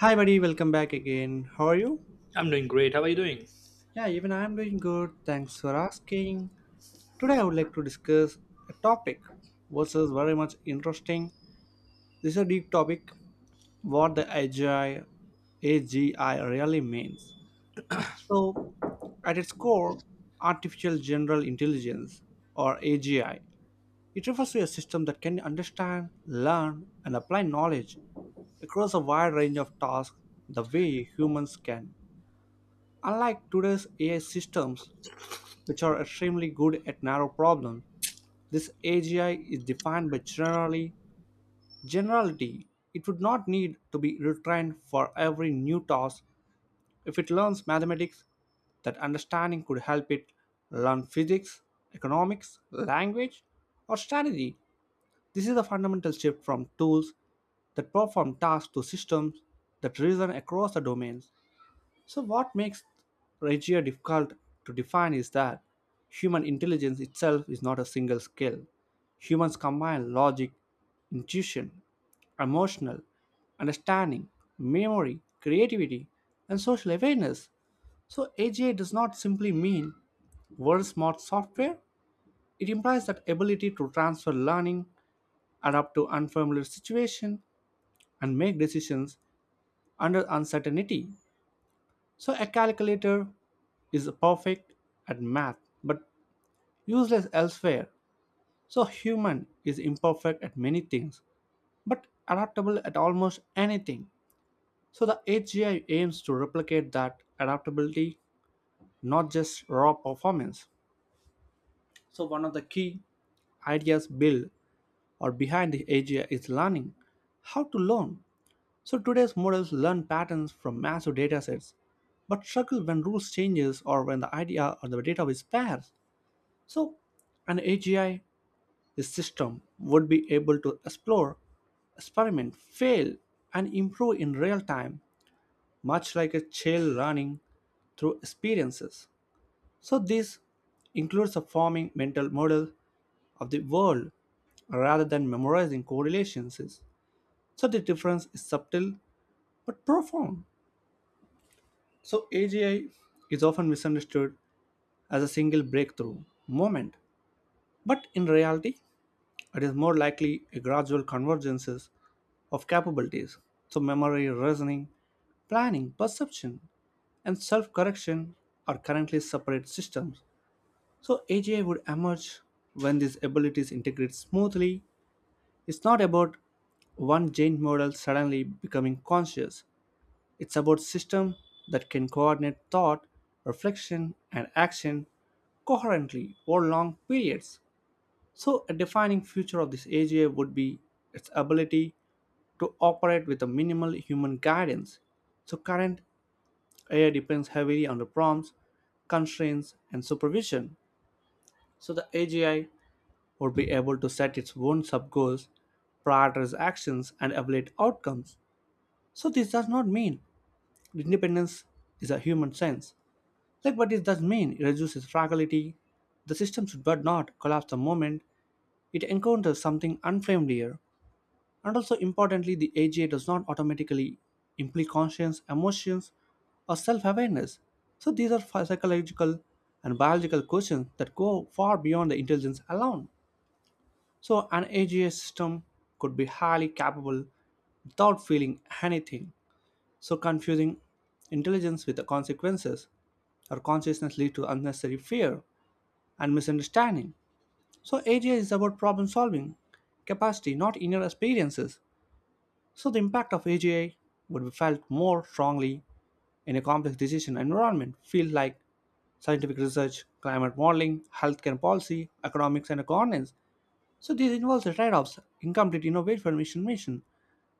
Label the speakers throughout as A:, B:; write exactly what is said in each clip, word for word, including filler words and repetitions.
A: Hi, buddy, welcome back again. How are you?
B: I'm doing great. How are you doing?
A: Yeah, even I am doing good. Thanks for asking. Today, I would like to discuss a topic which is very much interesting. This is a deep topic what the A G I, A G I really means. So, at its core, artificial general intelligence or A G I, it refers to a system that can understand, learn, and apply knowledge across a wide range of tasks the way humans can. Unlike today's A I systems, which are extremely good at narrow problems, this A G I is defined by generally generality. It would not need to be retrained for every new task. If it learns mathematics, that understanding could help it learn physics, economics, language, or strategy. This is a fundamental shift from tools that perform tasks to systems that reason across the domains. So, what makes Regia difficult to define is that human intelligence itself is not a single skill. Humans combine logic, intuition, emotional understanding, memory, creativity, and social awareness. So, A G I does not simply mean world smart software, it implies that ability to transfer learning, adapt to unfamiliar situation, and make decisions under uncertainty. So a calculator is perfect at math but useless elsewhere. So human is imperfect at many things but adaptable at almost anything. So the H G I aims to replicate that adaptability, not just raw performance. So one of the key ideas built or behind the A G I is learning. How to learn? So today's models learn patterns from massive datasets, but struggle when rules changes or when the idea or the data is sparse. So, an A G I system would be able to explore, experiment, fail, and improve in real time, much like a child learning through experiences. So, this includes a forming mental model of the world rather than memorizing correlations. So, the difference is subtle but profound. So, A G I is often misunderstood as a single breakthrough moment, but in reality, it is more likely a gradual convergence of capabilities. So, memory, reasoning, planning, perception, and self correction are currently separate systems. So, A G I would emerge when these abilities integrate smoothly. It's not about one giant model suddenly becoming conscious, it's about system that can coordinate thought, reflection, and action coherently over long periods. So, a defining feature of this A G I would be its ability to operate with a minimal human guidance. So, current A I depends heavily on the prompts, constraints, and supervision. So, the A G I would be able to set its own sub goals, prioritize actions, and evaluate outcomes. So, this does not mean independence is a human sense. Like, what it does mean, it reduces fragility. The system should but not collapse the moment it encounters something unfamiliar. And also importantly, the A G I does not automatically imply conscience, emotions, or self awareness. So these are phy- psychological and biological questions that go far beyond the intelligence alone. So an A G I system could be highly capable without feeling anything. So confusing intelligence with the consequences or consciousness lead to unnecessary fear and misunderstanding. So A G I is about problem solving capacity, not inner experiences. So the impact of A G I would be felt more strongly in a complex decision environment, fields like scientific research, climate modeling, healthcare policy, economics, and governance. So this involves the trade-offs, incomplete innovation mission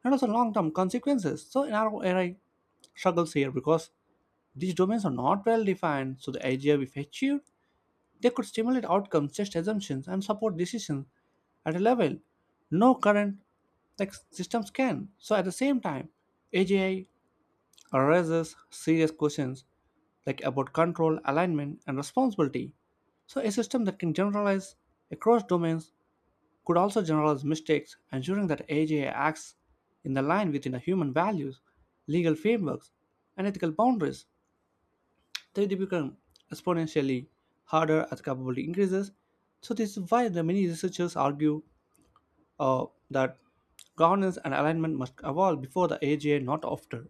A: and also long-term consequences. So in our era struggles here because these domains are not well defined, so the A G I if achieved, they could stimulate outcomes, test assumptions, and support decisions at a level no current like systems can. So at the same time, A G I raises serious questions like about control, alignment, and responsibility. So, a system that can generalize across domains could also generalize mistakes, ensuring that A G I acts in the line within the human values, legal frameworks, and ethical boundaries. They become exponentially harder as capability increases. So, this is why the many researchers argue uh, that governance and alignment must evolve before the A G I, not after.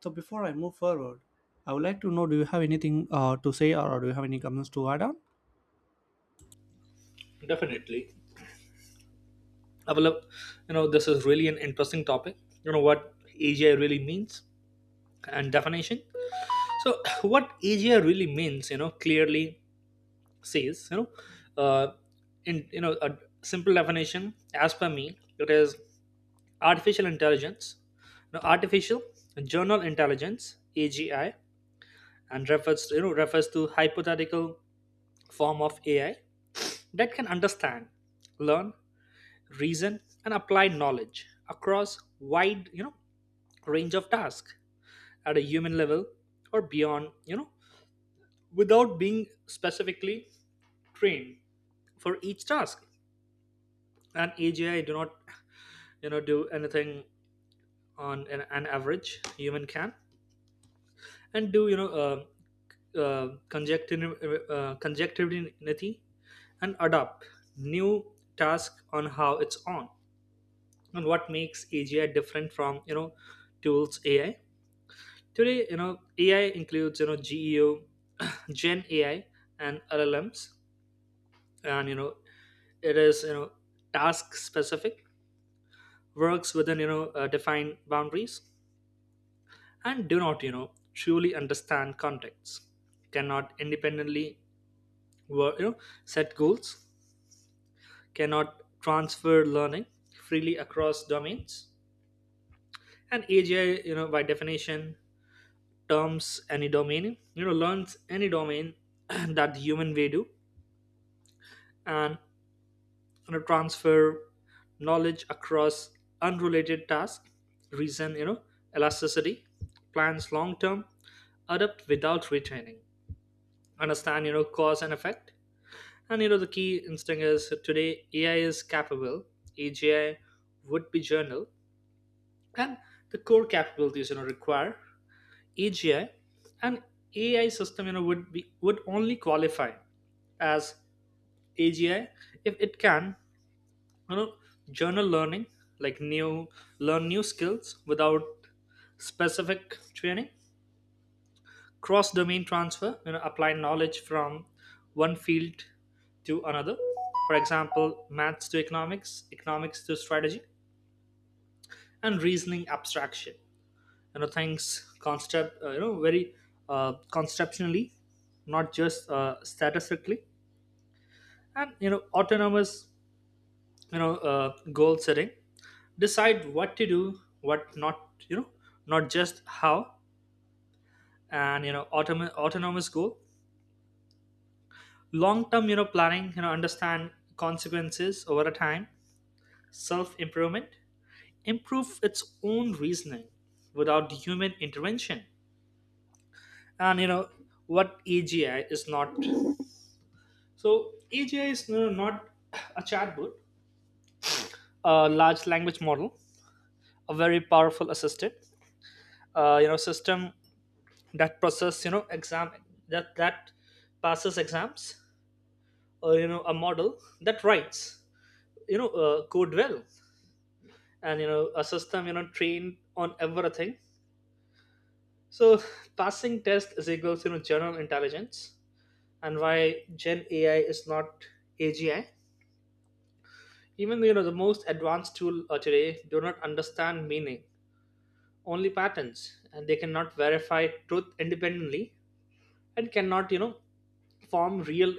A: So before I move forward, I would like to know, do you have anything uh, to say, or do you have any comments to add on?
B: Definitely. I will, love- you know, This is really an interesting topic. You know what A G I really means and definition. So, what A G I really means, you know, clearly says, you know, uh, in you know a simple definition as per me, it is artificial intelligence, you know, artificial general intelligence A G I, and refers you know refers to hypothetical form of A I that can understand, learn, reason and applied knowledge across wide you know range of tasks at a human level or beyond you know without being specifically trained for each task. And AGI do not you know do anything on an, an average human can, and do you know uh, uh, conjectiv- uh, conjectivity and adopt new task on how it's on. And what makes A G I different from you know tools A I? Today, you know, A I includes you know G E O, Gen A I, and L L Ms, and you know it is you know task specific, works within you know uh, defined boundaries, and do not you know truly understand contexts, cannot independently work, you know set goals, cannot transfer learning freely across domains. And A G I, you know by definition, terms any domain, you know learns any domain that the human way do, and you know transfer knowledge across unrelated tasks, reason you know elasticity, plans long term, adapt without retraining, understand you know cause and effect. And you know the key instinct is today AI is capable, AGI would be journal, and the core capabilities you know require AGI. And AI system you know would be would only qualify as AGI if it can you know journal learning, like new learn new skills without specific training, cross domain transfer, you know apply knowledge from one field to another, for example maths to economics, economics to strategy. And reasoning abstraction, you know things concept uh, you know very uh, conceptually, not just uh, statistically. And you know autonomous you know uh, goal setting, decide what to do, what not, you know not just how. And you know autom- autonomous goal, long term you know planning, you know understand consequences over a time, self improvement, improve its own reasoning without human intervention. And you know what AGI is not. So AGI is, you know, not a chatbot, a large language model, a very powerful assistant, uh, you know system that process you know exam that that passes exams, or you know a model that writes you know uh, code well, and you know a system you know trained on everything. So passing test is equals you know general intelligence. And why Gen AI is not AGI? Even though you know the most advanced tool uh, today do not understand meaning, only patterns, and they cannot verify truth independently, and cannot you know form real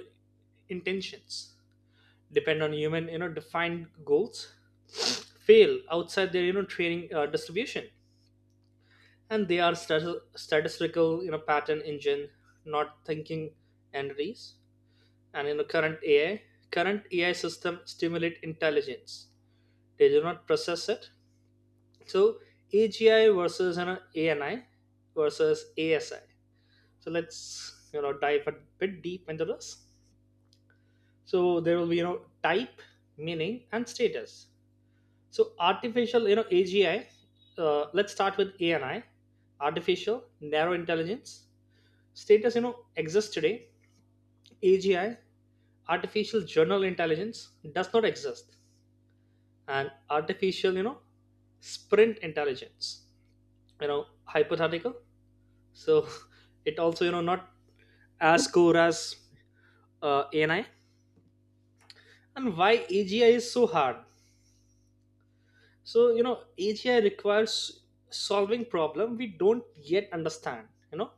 B: intentions, depend on human you know defined goals, fail outside their you know training uh, distribution, and they are stati- statistical you know pattern engine, not thinking entities. And in the current ai current AI system stimulate intelligence, they do not process it. So AGI versus, you know, ANI versus ASI. So let's you know dive a bit deep into this. So there will be you know type, meaning, and status. So artificial, you know, A G I. Uh, let's start with A N I, artificial narrow intelligence. Status, you know, exists today. A G I, artificial general intelligence, does not exist, and artificial, you know, sprint intelligence. You know, hypothetical. So it also, you know, not as core as uh, A N I. And why A G I is so hard? So, you know, A G I requires solving problem we don't yet understand. You know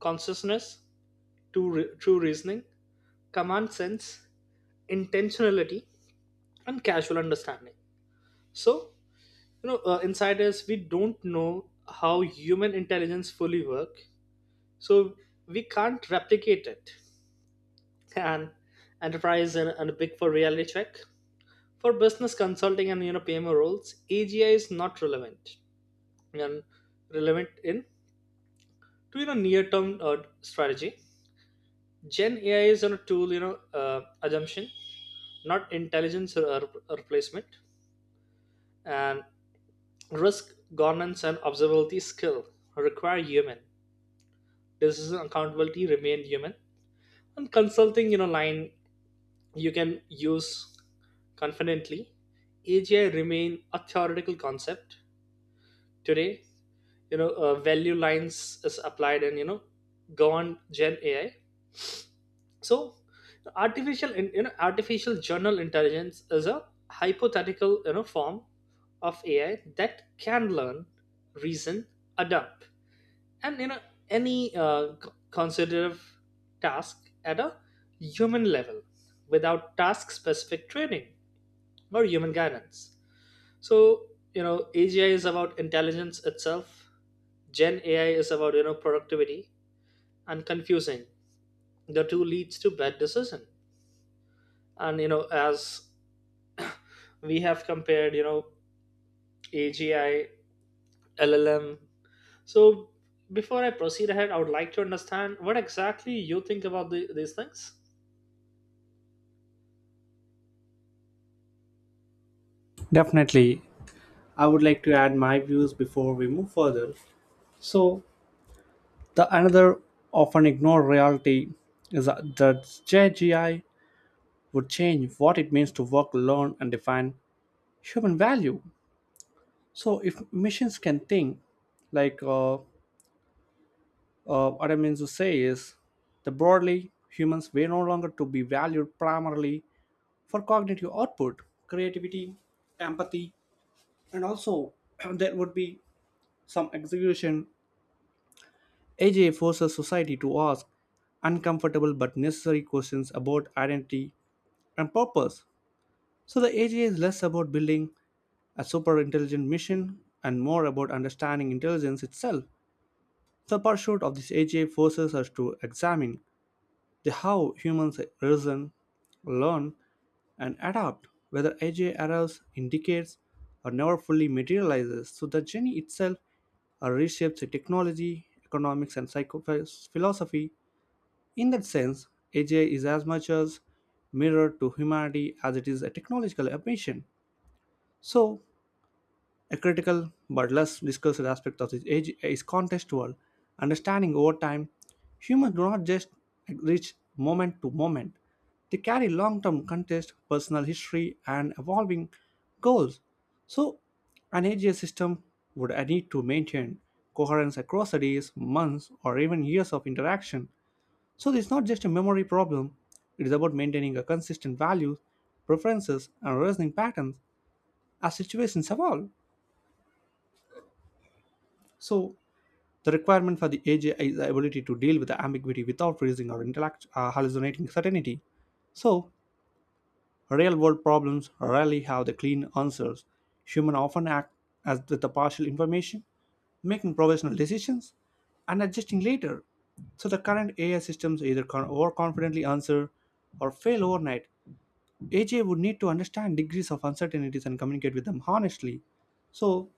B: consciousness, true, true reasoning, common sense, intentionality, and casual understanding. So, you know, uh, insiders, we don't know how human intelligence fully work, so we can't replicate it. And enterprise and, and big for reality check. For business consulting and you know P M O roles, A G I is not relevant and relevant in to you know near term uh, strategy. Gen A I is on a tool, you know, uh, assumption, not intelligence or replacement. And risk, governance, and observability skill require human. Decision accountability remain human. And consulting, you know, line you can use confidently. A G I remain a theoretical concept today. You know, uh, value lines is applied in you know governed Gen A I. So artificial, in- you know artificial general intelligence is a hypothetical you know form of AI that can learn, reason, adapt, and you know any uh, c- considerative task at a human level without task specific training or human guidance. So, you know AGI is about intelligence itself, Gen AI is about you know productivity, and confusing the two leads to bad decision. And you know as we have compared, you know AGI, LLM. So before I proceed ahead, I would like to understand what exactly you think about the, these things.
A: Definitely. I would like to add my views before we move further. So the another often ignored reality is that the J G I would change what it means to work, learn, and define human value. So if machines can think, like uh, uh, what I mean to say is, the broadly humans were no longer to be valued primarily for cognitive output, creativity, empathy, and also there would be some execution. A J forces society to ask uncomfortable but necessary questions about identity and purpose. So the A J is less about building a super intelligent mission and more about understanding intelligence itself. The pursuit of this A J forces us to examine the how humans reason, learn, and adapt, whether A J arrives, indicates, or never fully materializes. So the journey itself uh, reshapes the technology, economics, and psycho- philosophy. In that sense, A J is as much as mirror to humanity as it is a technological ambition. So a critical but less discussed aspect of this age is contextual understanding over time. Humans do not just reach moment to moment, they carry long term context, personal history, and evolving goals. So, an A G I system would need to maintain coherence across the days, months, or even years of interaction. So, this is not just a memory problem, it is about maintaining a consistent values, preferences, and reasoning patterns as situations evolve. So, the requirement for the A G I is the ability to deal with the ambiguity without freezing or intellect, uh, hallucinating certainty. So, real world problems rarely have the clean answers. Humans often act as with the partial information, making provisional decisions, and adjusting later. So, the current A I systems either con- overconfidently answer or fail overnight. A G I would need to understand degrees of uncertainties and communicate with them honestly. So,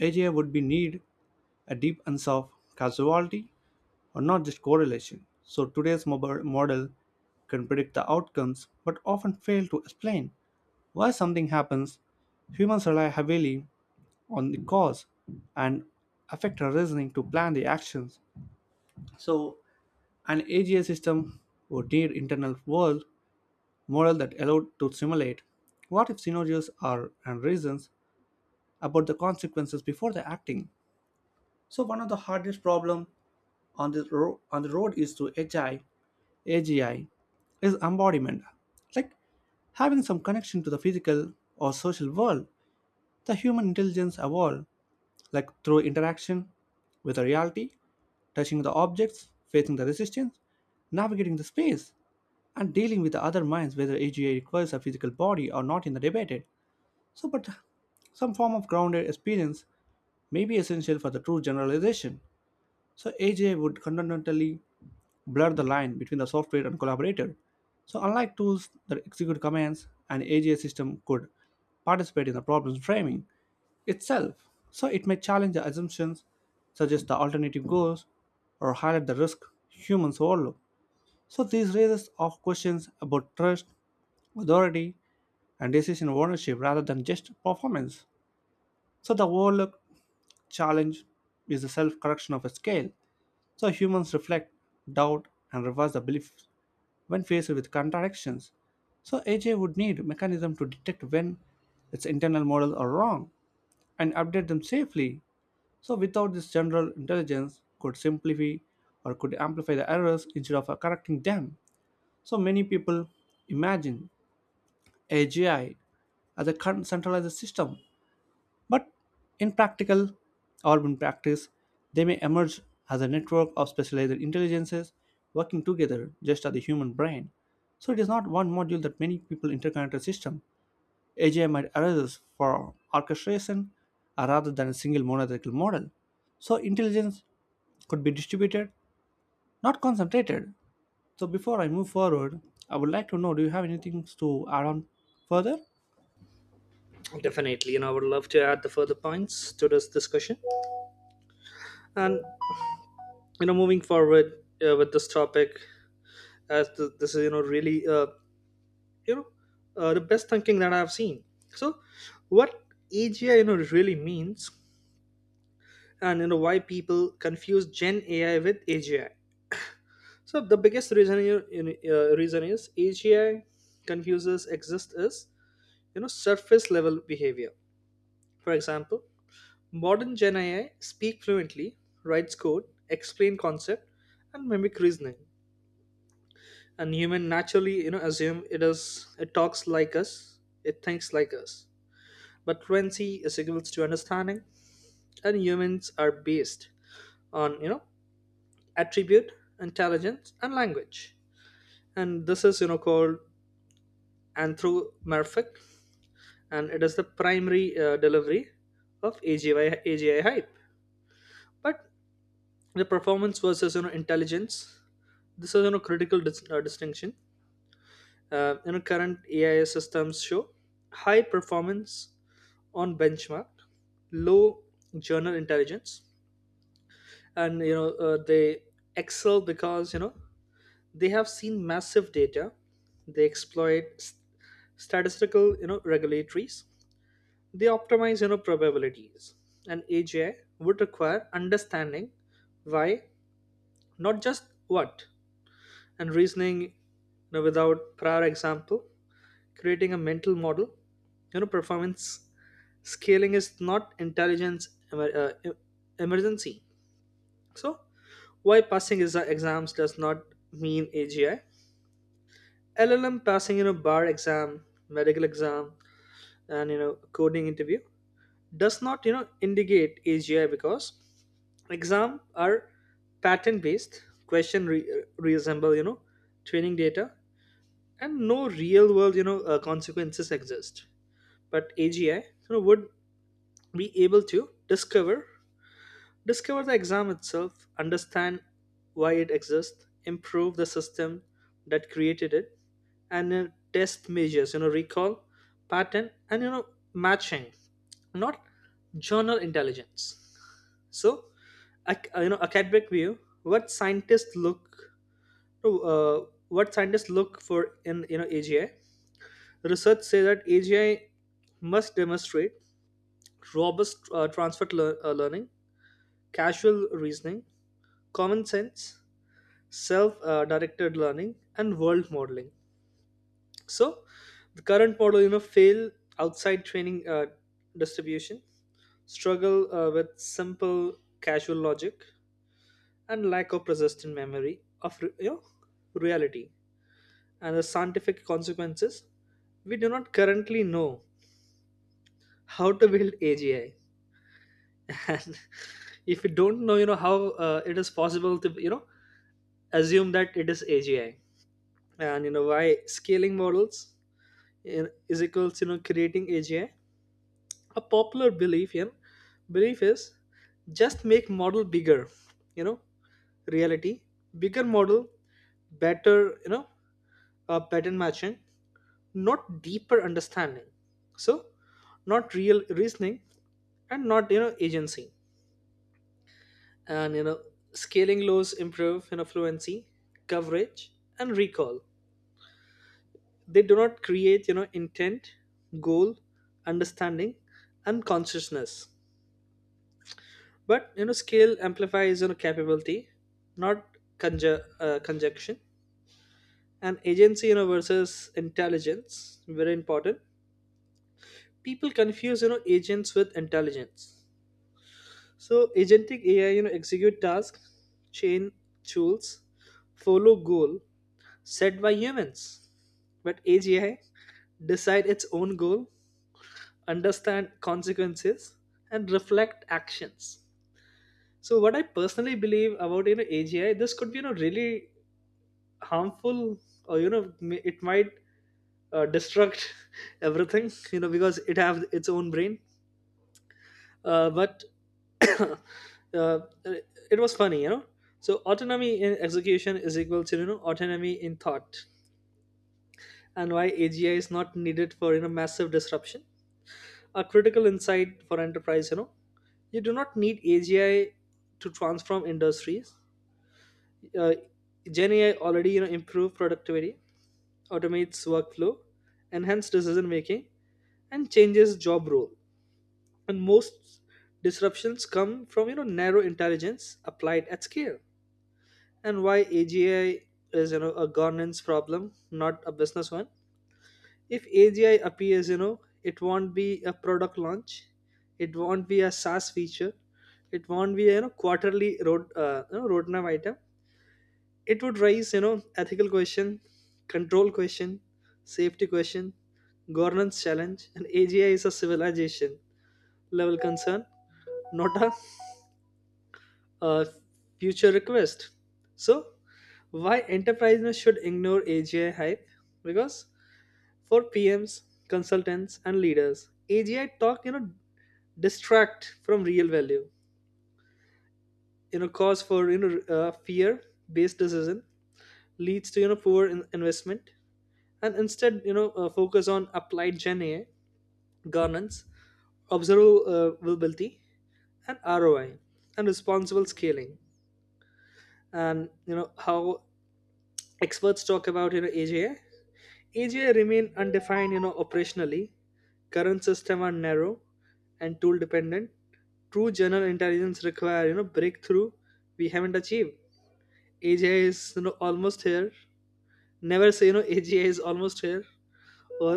A: A G I would be need a deep and soft casualty or not just correlation. So today's mob- model can predict the outcomes but often fail to explain why something happens. Humans rely heavily on the cause and affect our reasoning to plan the actions. So an A G I system would need internal world model that allowed to simulate what if scenarios are and reasons about the consequences before the acting. So one of the hardest problem on the ro- on the road is to A G I A G I is embodiment, like having some connection to the physical or social world. The human intelligence evolved, like through interaction with the reality, touching the objects, facing the resistance, navigating the space, and dealing with the other minds, whether A G I requires a physical body or not, in the debated. So, but some form of grounded experience may be essential for the true generalization. So A J would fundamentally blur the line between the software and collaborator. So unlike tools that execute commands, an A J system could participate in the problem framing itself. So it may challenge the assumptions, suggest the alternative goals, or highlight the risk humans overlook. So these raises of questions about trust, authority, and decision ownership rather than just performance. So the overlooked challenge is the self-correction of a scale. So humans reflect, doubt, and reverse the beliefs when faced with contradictions. So A J would need mechanism to detect when its internal models are wrong and update them safely. So without this general intelligence could simplify or could amplify the errors instead of uh, correcting them. So many people imagine A G I as a con- centralized system but in practical urban practice, they may emerge as a network of specialized intelligences working together just as the human brain. So it is not one module that many people interconnected system. A G I might arise for orchestration uh, rather than a single monolithic model. So intelligence could be distributed, not concentrated. So before I move forward, I would like to know, do you have anything to add on further?
B: Definitely, you know, I would love to add the further points to this discussion. And you know moving forward uh, with this topic, as th- this is you know really uh, you know uh, the best thinking that I've seen. So what AGI you know really means, and you know why people confuse Gen AI with AGI. So the biggest reason, you, in- uh, reason is, A G I confuses exist is you know surface level behavior. For example, modern Gen A I speak fluently, writes code, explain concept, and mimic reasoning. And human naturally you know assume it is it talks like us, it thinks like us. But fluency is equals to understanding, and humans are based on you know attribute, intelligence, and language. And this is you know called and through Merfik, and it is the primary uh, delivery of A G I hype. But the performance versus you know intelligence, this is you know critical dis- uh, distinction. Uh, you know current A I systems show high performance on benchmark, low journal intelligence, and you know uh, they excel because you know they have seen massive data, they exploit s- statistical you know regulatories. They optimize you know probabilities. And A G I would require understanding why, not just what, and reasoning, you know, without prior example, creating a mental model. You know, performance scaling is not intelligence emer- uh, em- emergency. So why passing is uh, exams does not mean A G I. L L M passing you know bar exam, medical exam, and you know coding interview does not you know indicate A G I, because exam are pattern based. Question re- reassemble, you know, training data, and no real world, you know, uh, consequences exist. But A G I, you know, would be able to discover discover the exam itself, understand why it exists, improve the system that created it, and uh, test measures, you know, recall, pattern, and you know, matching. Not journal intelligence. So, a- you know, academic view. What scientists look, uh, what scientists look for in you know A G I. Research say that A G I must demonstrate robust uh, transfer lear- uh, learning, casual reasoning, common sense, self-directed learning, and world modeling. So the current model, you know, fail outside training uh, distribution, struggle uh, with simple casual logic, and lack of persistent memory of re- you know, reality and the scientific consequences. We do not currently know how to build A G I, and if we don't know you know how uh, it is possible to you know assume that it is A G I. And you know why scaling models in, is equals you know creating A G I. A popular belief in belief is just make model bigger, you know reality, bigger model, better you know uh, pattern matching, not deeper understanding, so not real reasoning, and not you know agency. And you know scaling laws improve you know fluency, coverage, and recall. They do not create you know intent, goal, understanding, and consciousness. But you know scale amplifies you know capability, not conju- uh, conjunction. And agency you know versus intelligence, very important. People confuse you know agents with intelligence. So agentic A I, you know, execute tasks, chain tools, follow goal set by humans. But Edge A I decide its own goal, understand consequences, and reflect actions. So what I personally believe about you know A G I, this could be you know really harmful, or you know m- it might uh, destruct everything, you know because it have its own brain. Uh, but uh, it was funny, you know. So autonomy in execution is equal to you know autonomy in thought. And why A G I is not needed for you know massive disruption. A critical insight for enterprise, you know, you do not need A G I to transform industries. Uh, Gen A I already you know improve productivity, automates workflow, enhance decision making, and changes job role. And most disruptions come from you know narrow intelligence applied at scale. And why A G I is you know a governance problem, not a business one. If A G I appears, you know, it won't be a product launch, it won't be a SaaS feature, it won't be a, you know, quarterly road, uh, you know, roadmap item. It would raise you know ethical question, control question, safety question, governance challenge. And A G I is a civilization level concern, not a a future request. So why enterprises should ignore A G I hype? Because for P Ms, consultants, and leaders, A G I talk you know distract from real value. You know, cause for you know uh, fear-based decision leads to you know poor in- investment. And instead you know uh, focus on applied Gen A I governance, observability, and R O I, and responsible scaling. And you know how experts talk about you know A G I. A G I remain undefined you know operationally. Current system are narrow and tool dependent. True general intelligence require you know breakthrough we haven't achieved. A G I is you know almost here. Never say you know A G I is almost here or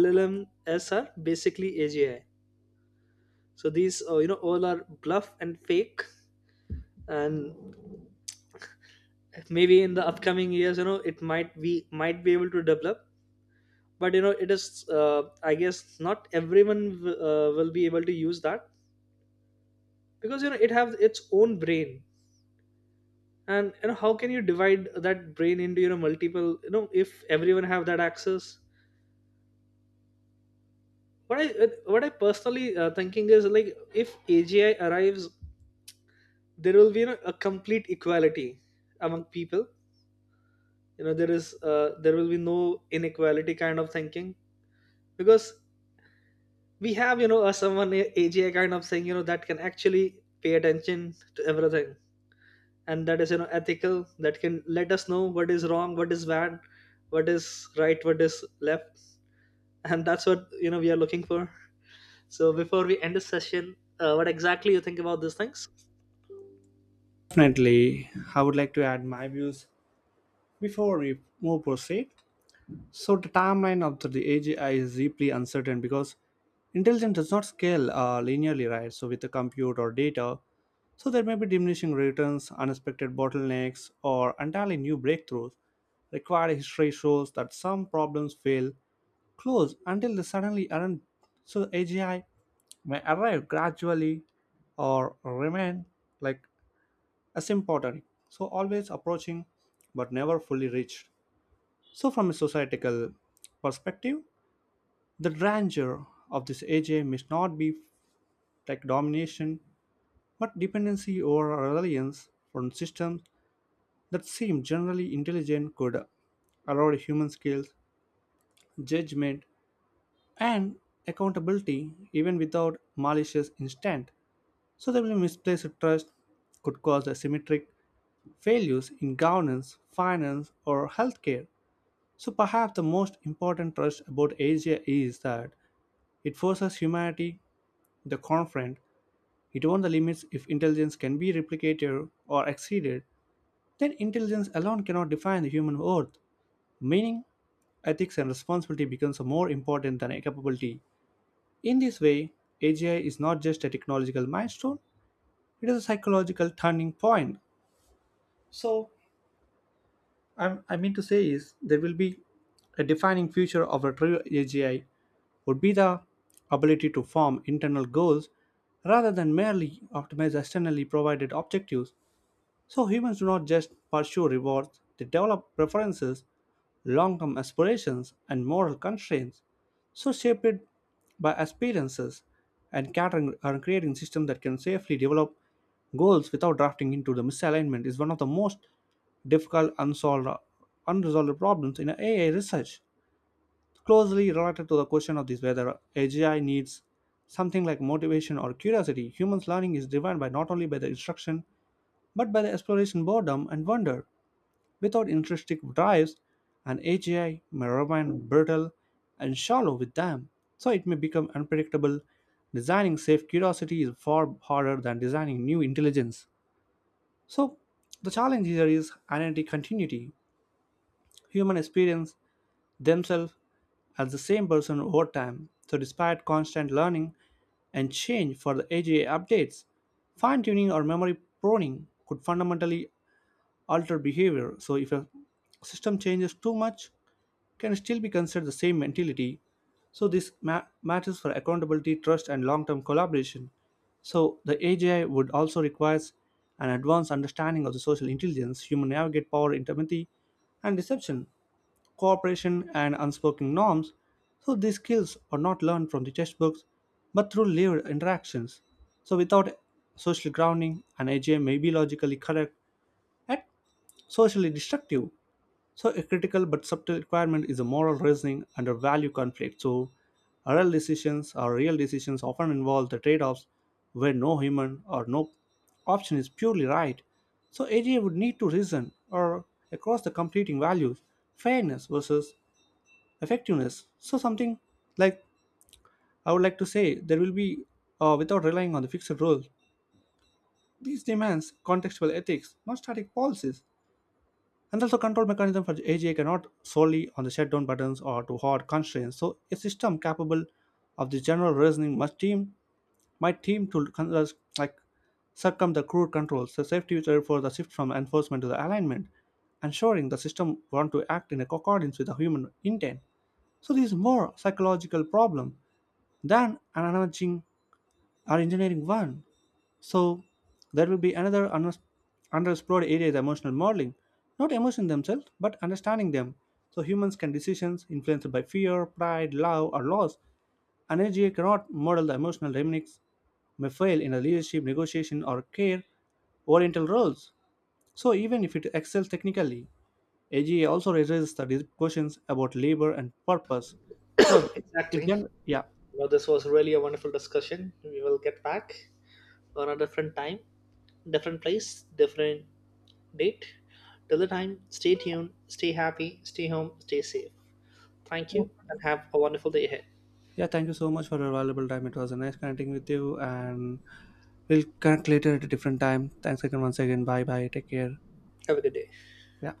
B: L L Ms are basically A G I. So these uh, you know all are bluff and fake. And maybe in the upcoming years, you know it might we might be able to develop, but you know it is, uh, I guess, not everyone w- uh, will be able to use that, because you know it have its own brain. And you know how can you divide that brain into you know multiple, you know if everyone have that access. what i uh, what I personally uh, thinking is, like, if AGI arrives, there will be, you know, a complete equality among people. You know there is uh, there will be no inequality kind of thinking, because we have you know a someone AGI kind of thing, you know that can actually pay attention to everything, and that is you know ethical, that can let us know what is wrong, what is bad, what is right, what is left. And that's what you know we are looking for. So before we end this session, uh, what exactly you think about these things?
A: Definitely, I would like to add my views before we move proceed. So the timeline of the, the A G I is deeply uncertain because intelligence does not scale uh, linearly, right? So with the compute or data, so there may be diminishing returns, unexpected bottlenecks, or entirely new breakthroughs. Required history shows that some problems fail close until they suddenly aren't. So A G I may arrive gradually or remain like asymptotic. So always approaching but never fully reached. So, from a societal perspective, the grandeur of this A J must not be like domination, but dependency or reliance on systems that seem generally intelligent could allow human skills, judgment, and accountability even without malicious intent. So, the misplaced trust could cause asymmetric failures in governance, finance, or healthcare. So, perhaps the most important trust about Asia is that it forces humanity the confront its own the limits. If intelligence can be replicated or exceeded, then intelligence alone cannot define the human worth. Meaning, ethics and responsibility becomes more important than capability. In this way, A G I is not just a technological milestone, it is a psychological turning point. So, I, I mean to say is there will be a defining feature of a true A G I would be the ability to form internal goals rather than merely optimize externally provided objectives. So humans do not just pursue rewards, they develop preferences, long term aspirations, and moral constraints, so shaped by experiences and catering and creating systems that can safely develop goals without drafting into the misalignment is one of the most difficult unsolved unresolved problems in A I research, closely related to the question of this whether A G I needs something like motivation or curiosity. Humans' learning is driven by not only by the instruction but by the exploration boredom and wonder. Without intrinsic drives, an A G I may remain brittle and shallow with them, so it may become unpredictable. Designing safe curiosity is far harder than designing new intelligence. So, the challenge here is identity continuity. Human experience themselves as the same person over time. So, despite constant learning and change for the A G I updates, fine tuning or memory pruning could fundamentally alter behavior. So if a system changes too much, can still be considered the same mentality. So this ma- matters for accountability, trust, and long-term collaboration. So the A G I would also requires an advanced understanding of the social intelligence, human navigate power in empathy and deception, cooperation and unspoken norms. So these skills are not learned from the textbooks, but through lived interactions. So without social grounding, an A G I may be logically correct and socially destructive. So, a critical but subtle requirement is a moral reasoning under value conflict. So, real decisions or real decisions often involve the trade offs where no human or no option is purely right. So, A G A would need to reason or across the competing values, fairness versus effectiveness. So, something like I would like to say there will be, uh, without relying on the fixed rules, these demands contextual ethics, not static policies. And also control mechanism for the A G I cannot solely on the shutdown buttons or to hard constraints. So a system capable of the general reasoning must team might team to con- uh, like circum the crude controls. The safety is therefore the shift from enforcement to the alignment, ensuring the system want to act in accordance with the human intent. So this is more psychological problem than an emerging or engineering one. So there will be another unex- underexplored area is emotional modeling, not emotion themselves, but understanding them. So humans can decisions influenced by fear, pride, love, or loss. An N G A cannot model the emotional dynamics may fail in a leadership, negotiation, or care oriental roles. So even if it excels technically, A G A also raises the dis- questions about labor and purpose. So
B: Exactly,
A: if gen-
B: you
A: yeah.
B: know this was really a wonderful discussion. We will get back on a different time, different place, different date. Till the time, stay tuned, stay happy, stay home, stay safe. Thank you and have a wonderful day ahead.
A: Yeah, thank you so much for your valuable time. It was a nice connecting with you, and we'll connect later at a different time. Thanks again, once again. Bye bye. Take care.
B: Have a good day.
A: Yeah.